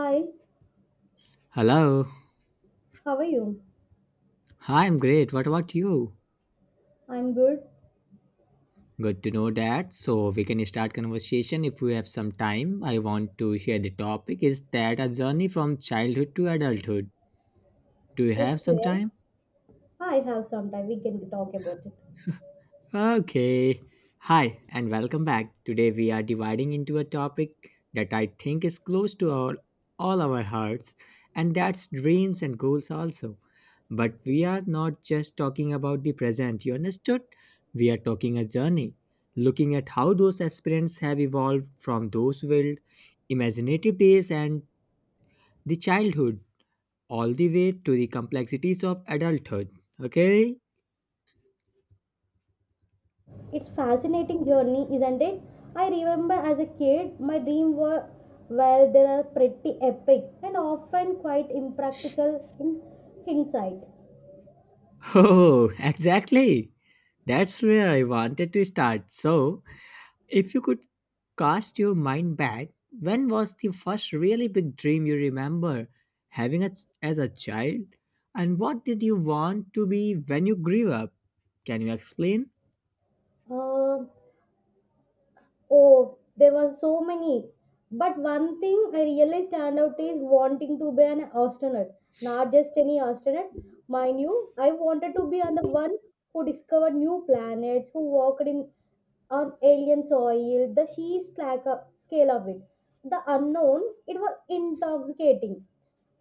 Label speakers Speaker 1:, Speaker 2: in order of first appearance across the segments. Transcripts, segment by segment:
Speaker 1: Hi,
Speaker 2: Hello.
Speaker 1: how are you?
Speaker 2: Hi, I'm great. What about you?
Speaker 1: I'm good.
Speaker 2: Good to know that. So we can start conversation if we have some time. I want to share the topic is that a journey from childhood to adulthood. Do you have some
Speaker 1: Okay,
Speaker 2: time?
Speaker 1: I have some time. We can talk about it.
Speaker 2: Okay. Hi, and welcome back. Today we are dividing into a topic that I think is close to all our hearts, and that's dreams and goals also. But we are not just talking about the present, you understood? We are talking a journey, looking at how those aspirants have evolved from those wild, imaginative days and the childhood all the way to the complexities of adulthood. Okay?
Speaker 1: It's fascinating journey, isn't it? I remember as a kid, my dream were well, they are pretty epic and often quite impractical in hindsight.
Speaker 2: Oh, exactly. That's where I wanted to start. So, if you could cast your mind back, when was the first really big dream you remember having a, as a child? And what did you want to be when you grew up? Can you explain?
Speaker 1: Uh, Oh, there were so many. But one thing I really stand out is wanting to be an astronaut, not just any astronaut. Mind you, I wanted to be on the one who discovered new planets, who walked in on alien soil, scale of it. The unknown, it was intoxicating.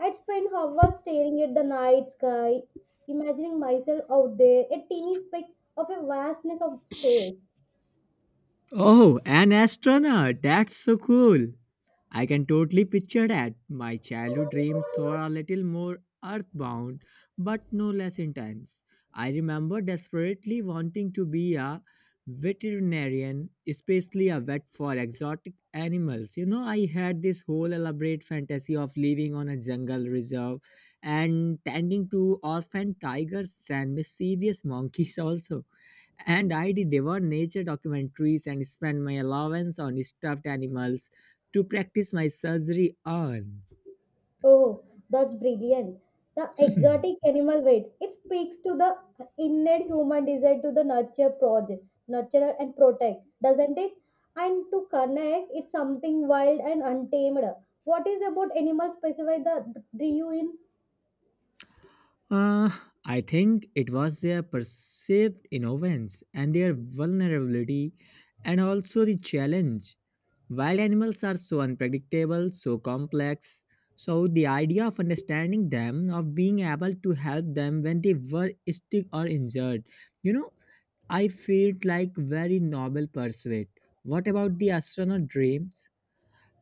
Speaker 1: I'd spend hours staring at the night sky, imagining myself out there, a teeny speck of a vastness of space.
Speaker 2: Oh, an astronaut! That's so cool! I can totally picture that. My childhood dreams were a little more earthbound, but no less intense. I remember desperately wanting to be a veterinarian, especially a vet for exotic animals. You know, I had this whole elaborate fantasy of living on a jungle reserve and tending to orphan tigers and mischievous monkeys, also and I did devour nature documentaries and spent my allowance on stuffed animals to practice my surgery on.
Speaker 1: Oh, that's brilliant. The exotic animal weight, it speaks to the innate human desire to the nurture project, nurture and protect, doesn't it? And to connect, it's something wild and untamed. What is about animals, specify the do you in?
Speaker 2: Uh, I think it was their perceived innocence and their vulnerability, and also the challenge. Wild animals are so unpredictable, so complex. So the idea of understanding them, of being able to help them when they were sick or injured, you know, I felt like very noble pursuit. What about the astronaut dreams?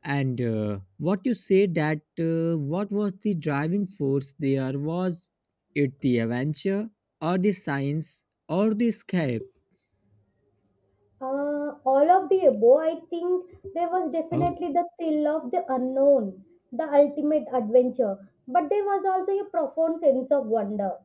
Speaker 2: And what you say that what was the driving force there? Was it the adventure or the science or the escape?
Speaker 1: All of the above, I think there was
Speaker 2: Oh,
Speaker 1: definitely the thrill of the unknown, the ultimate adventure, but there was also a profound sense of wonder.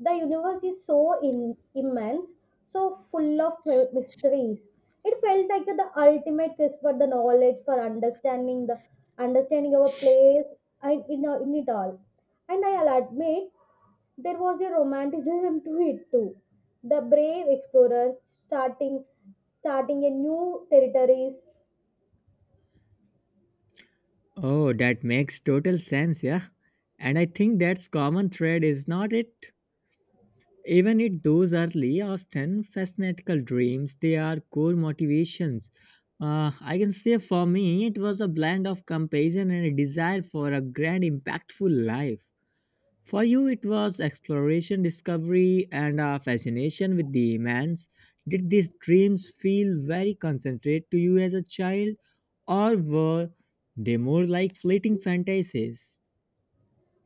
Speaker 1: The universe is so immense, so full of mysteries. It felt like the ultimate quest for the knowledge, for understanding the understanding our place and in it all. And I'll admit there was a romanticism to it too. The brave explorers starting a new territories.
Speaker 2: oh, that makes total sense, yeah. And I think that's common thread, is not it? Even if those early, often fanatical dreams, they are core motivations. I can say for me, it was a blend of compassion and a desire for a grand, impactful life. For you, it was exploration, discovery, and a fascination with the immense. Did these dreams feel very concentrated to you as a child, or were they more like fleeting fantasies?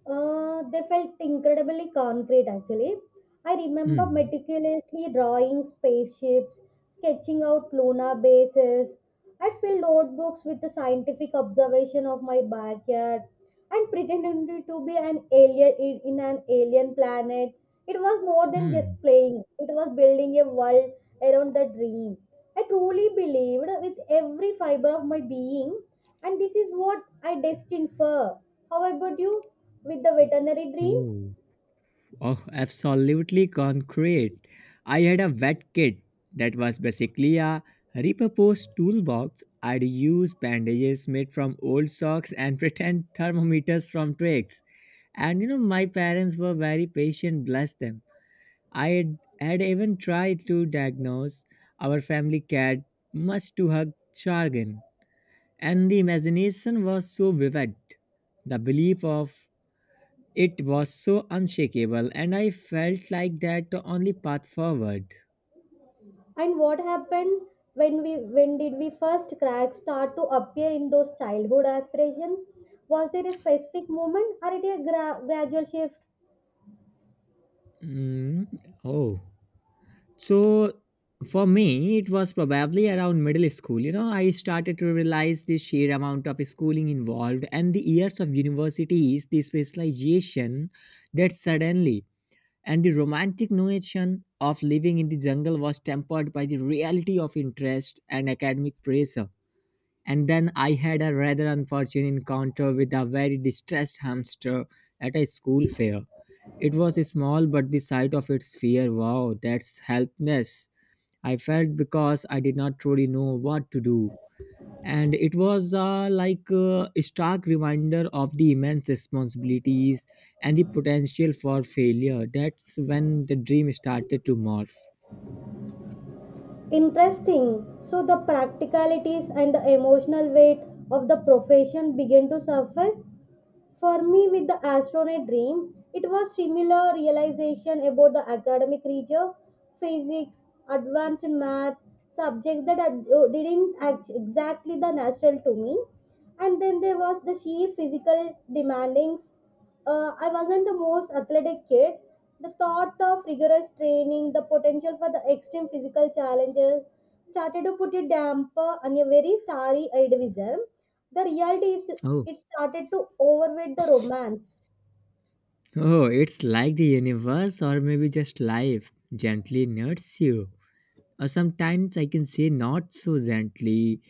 Speaker 1: They felt incredibly concrete actually. I remember
Speaker 2: Hmm.
Speaker 1: meticulously drawing spaceships, sketching out lunar bases. I'd fill notebooks with the scientific observation of my backyard and pretending to be an alien in an alien planet. It was more than
Speaker 2: Hmm.
Speaker 1: just playing, it was building a world around the dream. I truly believed with every fiber of my being, and this is what I destined for. How about you with the veterinary dream?
Speaker 2: Ooh. Oh, absolutely concrete. I had a wet kit that was basically a repurposed toolbox. I'd use bandages made from old socks and pretend thermometers from twigs. And you know, my parents were very patient, bless them. I had even tried to diagnose our family cat, much to her chagrin. And the imagination was so vivid. The belief of it was so unshakable, and I felt like that the only path forward.
Speaker 1: And what happened when did we first crack start to appear in those childhood aspirations? Was there a specific moment or it a gradual shift?
Speaker 2: Mm, oh, so for me, it was probably around middle school. You know, I started to realize the sheer amount of schooling involved and the years of universities, the specialization that suddenly and the romantic notion of living in the jungle was tempered by the reality of interest and academic pressure. And then I had a rather unfortunate encounter with a very distressed hamster at a school fair. It was small, but the sight of its fear, wow, that's helpless. I felt because I did not truly know what to do. And it was like a stark reminder of the immense responsibilities and the potential for failure. That's when the dream started to morph.
Speaker 1: Interesting. So the practicalities and the emotional weight of the profession began to surface. For me, with the astronaut dream, it was similar realization about the academic rigor, physics, advanced math, subjects that didn't act exactly the natural to me, and then there was the sheer physical demandings. I wasn't the most athletic kid. The thought of rigorous training, the potential for the extreme physical challenges started to put a damper on a very starry eyed vision. The reality is,
Speaker 2: Oh,
Speaker 1: it started to overweight the romance.
Speaker 2: oh, it's like the universe or maybe just life gently nuts you. Sometimes I can say not so gently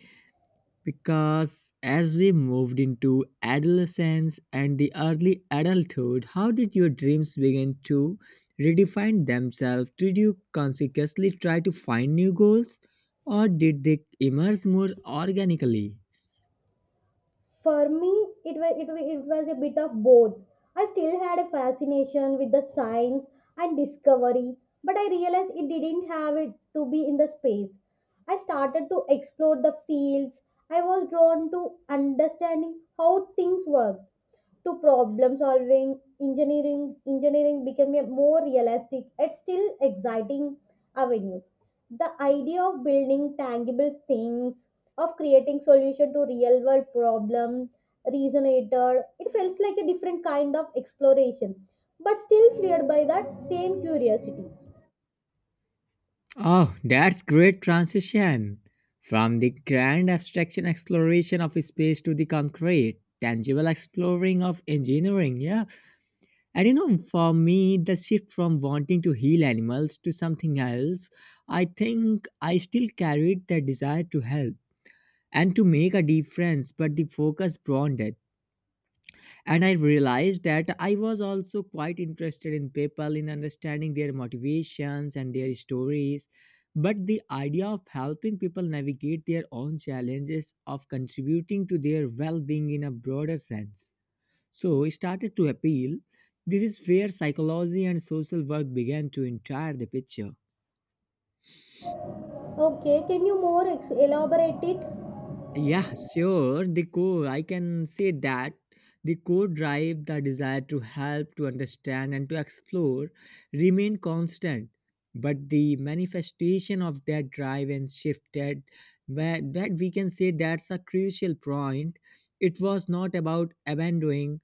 Speaker 2: because as we moved into adolescence and the early adulthood, how did your dreams begin to redefine themselves? Did you consciously try to find new goals or did they emerge more organically?
Speaker 1: For me, it was a bit of both. I still had a fascination with the science and discovery, but I realized it didn't have it to be in the space. I started to explore the fields I was drawn to, understanding how things work, to problem solving. Engineering became a more realistic and still exciting avenue. The idea of building tangible things, of creating solution to real world problem resonated. It feels like a different kind of exploration, but still fueled by that same curiosity.
Speaker 2: Oh, that's great transition from the grand abstraction exploration of space to the concrete, tangible exploring of engineering, yeah. And you know, for me, the shift from wanting to heal animals to something else, I think I still carried the desire to help and to make a difference, but the focus broadened. It. And I realized that I was also quite interested in people, in understanding their motivations and their stories. But the idea of helping people navigate their own challenges, of contributing to their well being in a broader sense. So he started to appeal. This is where psychology and social work began to enter the picture.
Speaker 1: Okay, can you more elaborate it?
Speaker 2: Yeah, sure. The core, I can say that the core drive, the desire to help, to understand, and to explore remained constant. But the manifestation of that drive and shifted. But that we can say that's a crucial point. It was not about abandoning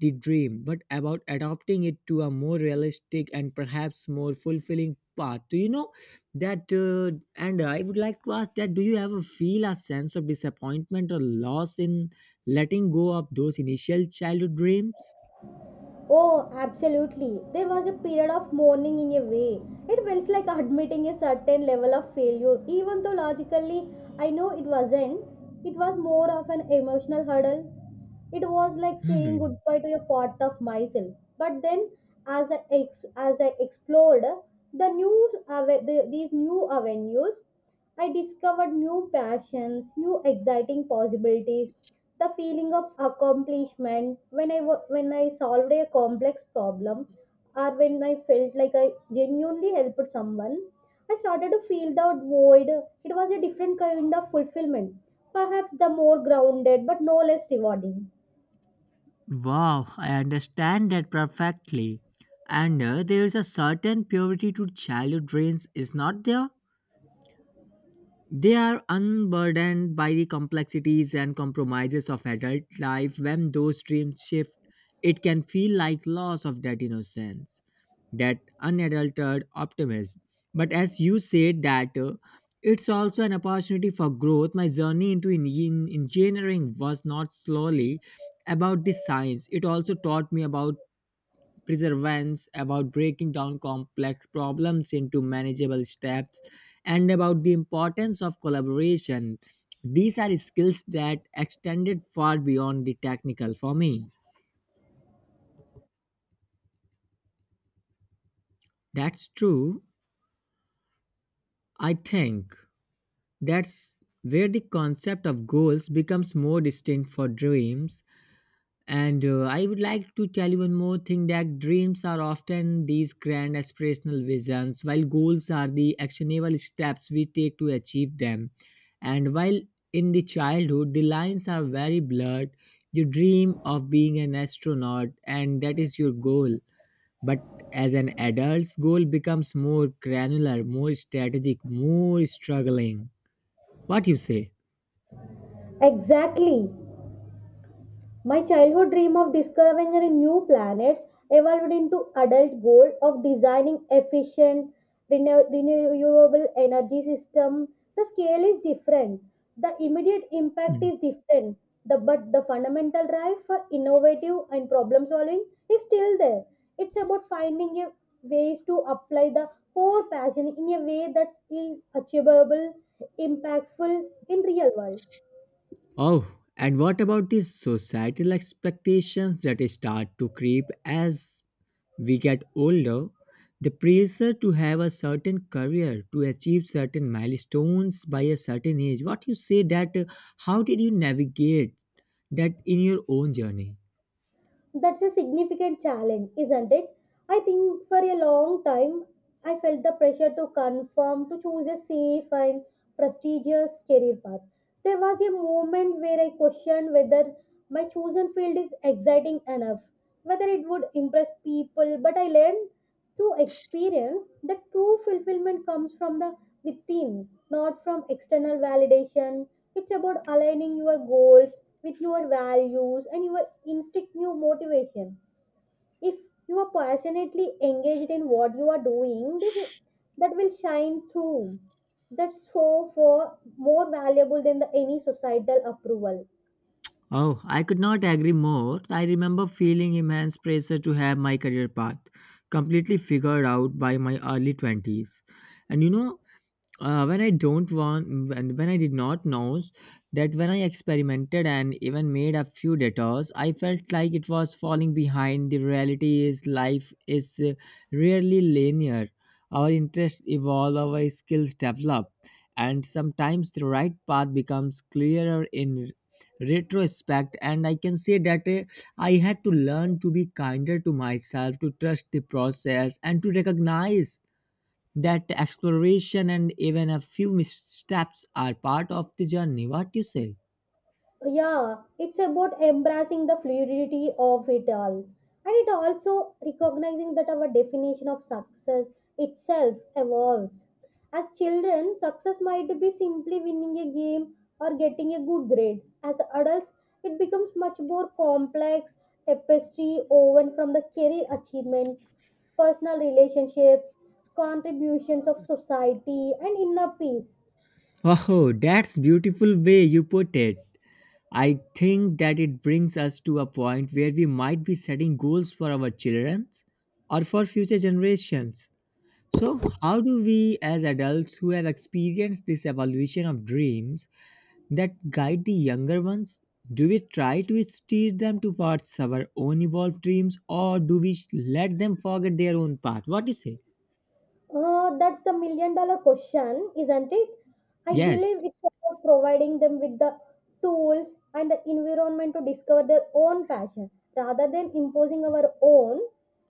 Speaker 2: the dream, but about adopting it to a more realistic and perhaps more fulfilling path. Do you know that? And I would like to ask that: Do you ever feel a sense of disappointment or loss in letting go of those initial childhood dreams?
Speaker 1: Oh, absolutely. There was a period of mourning in a way. It felt like admitting a certain level of failure, even though logically I know it wasn't. It was more of an emotional hurdle. It was like saying
Speaker 2: Hmm.
Speaker 1: goodbye to a part of myself. But then, as I explored these new avenues, I discovered new passions, new exciting possibilities, the feeling of accomplishment when I solved a complex problem or when I felt like I genuinely helped someone. I started to feel that void. It was a different kind of fulfillment, perhaps the more grounded but no less rewarding.
Speaker 2: Wow, I understand that perfectly. And there is a certain purity to childhood dreams, is not there? They are unburdened by the complexities and compromises of adult life. When those dreams shift, it can feel like loss of that innocence, that unadulterated optimism. But as you said that it's also an opportunity for growth. My journey into engineering was not slowly about the science. It also taught me about perseverance, about breaking down complex problems into manageable steps, and about the importance of collaboration. These are skills that extended far beyond the technical for me. That's true. I think that's where the concept of goals becomes more distinct for dreams. And I would like to tell you one more thing that dreams are often these grand aspirational visions, while goals are the actionable steps we take to achieve them. And while in the childhood, the lines are very blurred. You dream of being an astronaut, and that is your goal. But as an adult's goal becomes more granular, more strategic, more struggling. What you say?
Speaker 1: Exactly. My childhood dream of discovering new planets evolved into adult goal of designing efficient renewable energy system. The scale is different. The immediate impact is different. But the fundamental drive for innovative and problem solving is still there. It's about finding a ways to apply the core passion in a way that's achievable, impactful in real world.
Speaker 2: Oh, and what about these societal expectations that start to creep as we get older? The pressure to have a certain career, to achieve certain milestones by a certain age. What you say that, how did you navigate that in your own journey?
Speaker 1: That's a significant challenge, isn't it? I think for a long time I felt the pressure to conform, to choose a safe and prestigious career path. There was a moment where I questioned whether my chosen field is exciting enough, whether it would impress people, but I learned through experience, the true fulfillment comes from the within, not from external validation. It's about aligning your goals with your values and your instinctive motivation. If you are passionately engaged in what you are doing, that will shine through. That's so for more valuable than the any societal approval.
Speaker 2: Oh, I could not agree more. I remember feeling immense pressure to have my career path completely figured out by my early 20s. And you know, when I don't want, when I did not know that when I experimented and even made a few detours, I felt like it was falling behind. The reality is, life is rarely linear. Our interests evolve, our skills develop, and sometimes the right path becomes clearer in retrospect, and I can say that I had to learn to be kinder to myself, to trust the process, and to recognize that exploration and even a few missteps are part of the journey. What you say?
Speaker 1: Yeah, it's about embracing the fluidity of it all, and it also recognizing that our definition of success itself evolves. As children success might be simply winning a game or getting a good grade, as adults it becomes much more complex tapestry woven from the career achievements, personal relationships, contributions of society and inner peace.
Speaker 2: Wow, that's beautiful way you put it. I think that it brings us to a point where we might be setting goals for our children or for future generations. So, how do we as adults who have experienced this evolution of dreams that guide the younger ones? Do we try to steer them towards our own evolved dreams or do we let them forget their own path? What do you say?
Speaker 1: That's the million dollar question, isn't it? I
Speaker 2: Yes.
Speaker 1: believe it's about providing them with the tools and the environment to discover their own passion rather than imposing our own.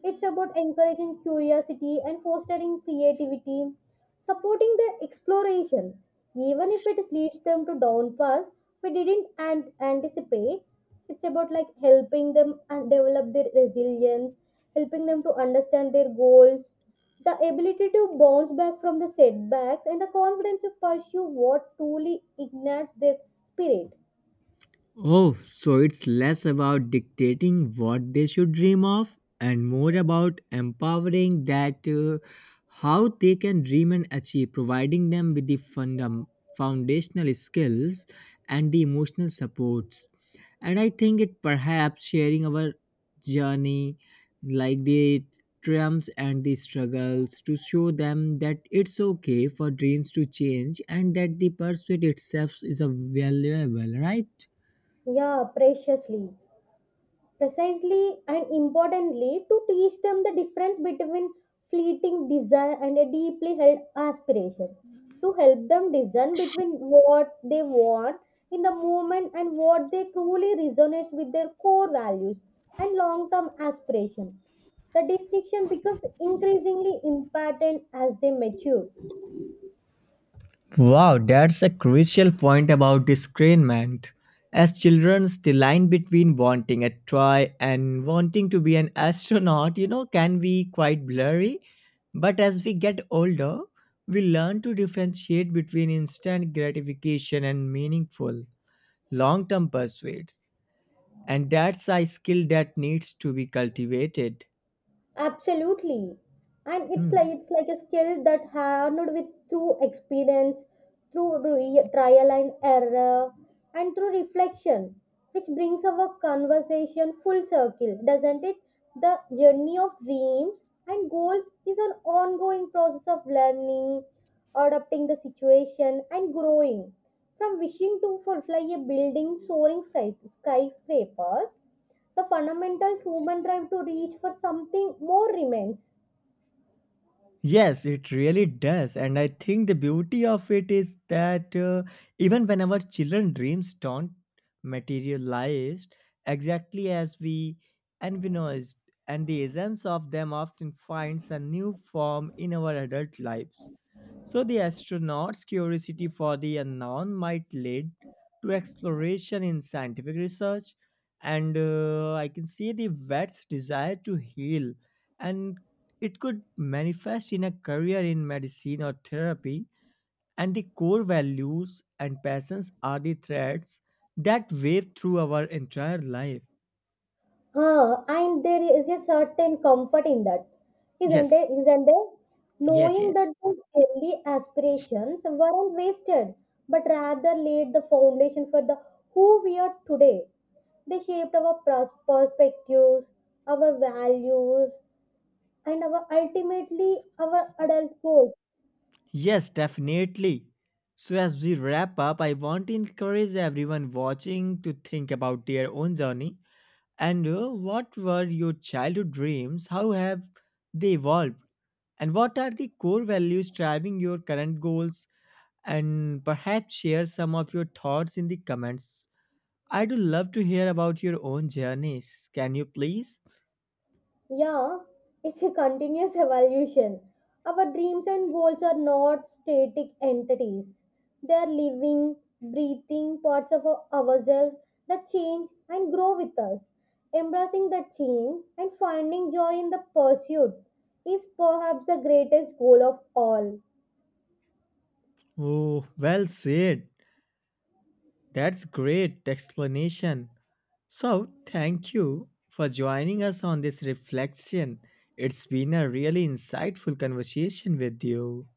Speaker 1: It's about encouraging curiosity and fostering creativity, supporting the exploration, even if it leads them to down paths we didn't anticipate. It's about like helping them and develop their resilience, helping them to understand their goals, the ability to bounce back from the setbacks, and the confidence to pursue what truly ignites their spirit.
Speaker 2: Oh, so it's less about dictating what they should dream of and more about empowering that how they can dream and achieve, providing them with the foundational skills and the emotional supports. And I think it perhaps sharing our journey, like the triumphs and the struggles, to show them that it's okay for dreams to change and that the pursuit itself is a valuable, right?
Speaker 1: Yeah, preciously. Precisely and importantly to teach them the difference between fleeting desire and a deeply held aspiration, to help them discern between what they want in the moment and what they truly resonates with their core values and long-term aspiration. The distinction becomes increasingly important as they mature.
Speaker 2: Wow, that's a crucial point about discernment. As children, the line between wanting a toy and wanting to be an astronaut, you know, can be quite blurry. But as we get older, we learn to differentiate between instant gratification and meaningful, long term pursuits. And that's a skill that needs to be cultivated.
Speaker 1: Absolutely. And it's like
Speaker 2: Hmm.
Speaker 1: it's like a skill that honed with through experience, through trial and error, and through reflection, which brings our conversation full circle, doesn't it? The journey of dreams and goals is an ongoing process of learning, adapting the situation, and growing. From wishing to fly a building, soaring skyscrapers, the fundamental human drive to reach for something more remains.
Speaker 2: Yes, it really does. And I think the beauty of it is that even when our children dreams don't materialize exactly as we envisaged, and the essence of them often finds a new form in our adult lives. So, the astronauts' curiosity for the unknown might lead to exploration in scientific research, and I can see the vet's desire to heal, and it could manifest in a career in medicine or therapy. And the core values and passions are the threads that wave through our entire life.
Speaker 1: Ah, and there is a certain comfort in that, isn't
Speaker 2: Yes,
Speaker 1: it? Isn't there?
Speaker 2: yes,
Speaker 1: Knowing
Speaker 2: yes.
Speaker 1: that those early aspirations weren't wasted, but rather laid the foundation for the who we are today. They shaped our perspectives, our values, and our ultimately our adult goals.
Speaker 2: Yes, definitely. So as we wrap up, I want to encourage everyone watching to think about their own journey, and what were your childhood dreams? How have they evolved? And what are the core values driving your current goals? And perhaps share some of your thoughts in the comments. I do love to hear about your own journeys. Can you please?
Speaker 1: Yeah, it's a continuous evolution. Our dreams and goals are not static entities. They are living, breathing parts of ourselves that change and grow with us. Embracing that change and finding joy in the pursuit is perhaps the greatest goal of all.
Speaker 2: Oh, well said. That's great explanation. So, thank you for joining us on this reflection. It's been a really insightful conversation with you.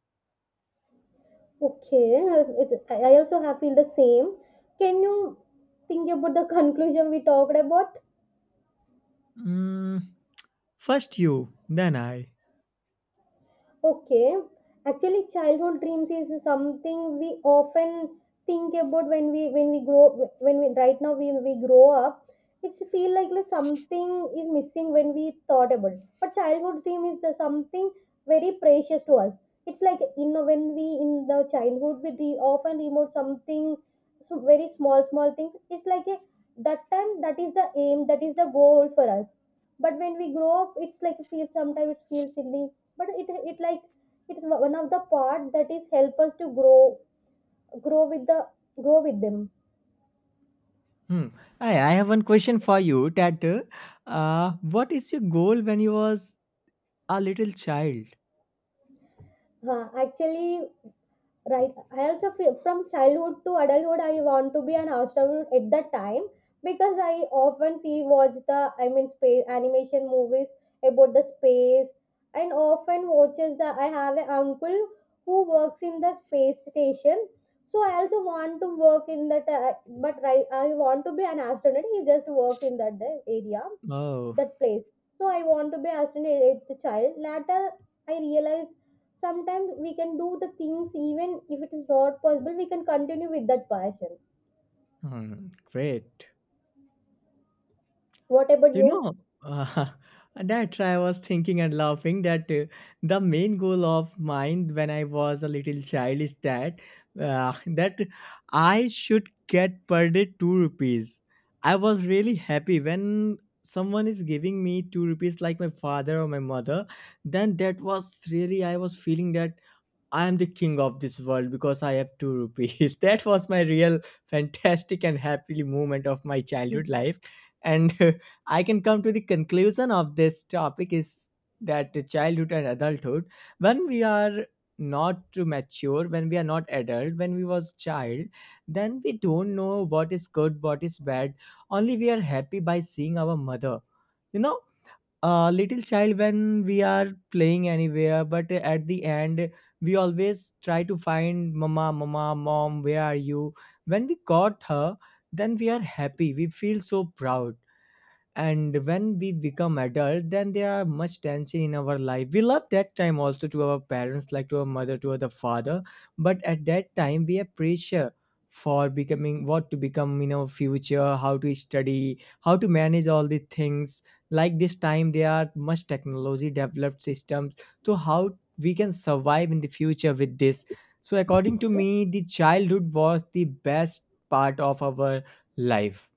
Speaker 1: Okay, it, I also have feel the same. Can you think about the conclusion we talked about?
Speaker 2: Mm, first you, then I.
Speaker 1: Okay. Actually, childhood dreams is something we often think about when we grow when we right now we grow up. It's feel like something is missing when we thought about it. But childhood dream is the something very precious to us. It's like you know when we in the childhood we dream, often remote something so very small things. It's like a, that time that is the aim that is the goal for us. But when we grow up, it's like feel sometimes it feels silly, but it it's one of the part that is help us to grow with the grow with them.
Speaker 2: Hmm. I have one question for you that what is your goal when you was a little child?
Speaker 1: Actually, right, I also feel from childhood to adulthood I want to be an astronaut at that time, because I often see watch the, I mean space animation movies about the space, and often watches the, I have an uncle who works in the space station, so I also want to work in that, but right I want to be an astronaut, he just work in that area,
Speaker 2: Oh,
Speaker 1: that place. So I want to be assassinate the child. Later, I realize sometimes we can do the things even if it is not possible. We can continue with that passion.
Speaker 2: hmm, great.
Speaker 1: What about
Speaker 2: You
Speaker 1: you?
Speaker 2: know, uh, that I was thinking and laughing that the main goal of mine when I was a little child is that uh, that I should get per day two rupees. I was really happy when someone is giving me two rupees, like my father or my mother. Then that was really I was feeling that I am the king of this world because I have two rupees. That was my real fantastic and happy moment of my childhood life. And I can come to the conclusion of this topic is that the childhood and adulthood, when we are not too mature, when we are not adult, when we was child, then we don't know what is good, what is bad. Only we are happy by seeing our mother. You know, a little child when we are playing anywhere, but at the end we always try to find mama mama mom, where are you? When we got her, then we are happy, we feel so proud. And when we become adult, then there are much tension in our life. We love that time also, to our parents, like to our mother, to our father. But at that time we have pressure for becoming what to become in our future, how to study, how to manage all the things. Like this time there are much technology developed systems. So how we can survive in the future with this? So according to me, the childhood was the best part of our life.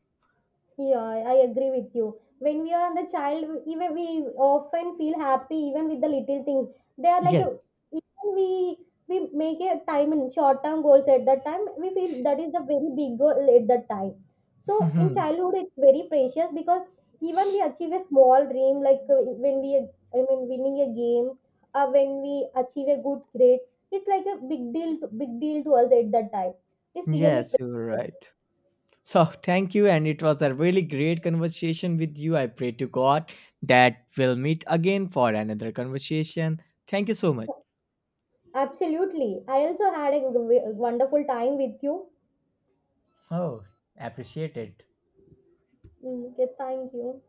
Speaker 1: Yeah, I agree with you. When we are on the child, even we often feel happy even with the little things. They are like
Speaker 2: Yes.
Speaker 1: a, even we make a time in short term goals at that time. We feel that is the very big goal at that time. So in childhood, it's very precious because even we achieve a small dream like when we, I mean winning a game, when we achieve a good grades, it's like a big deal to us at that time. It's really
Speaker 2: Yes, you're
Speaker 1: precious.
Speaker 2: right. So thank you, and it was a really great conversation with you. I pray to God that we'll meet again for another conversation. Thank you so much.
Speaker 1: Absolutely. I also had a wonderful time with you.
Speaker 2: Oh, appreciate it.
Speaker 1: Mm, okay, thank you.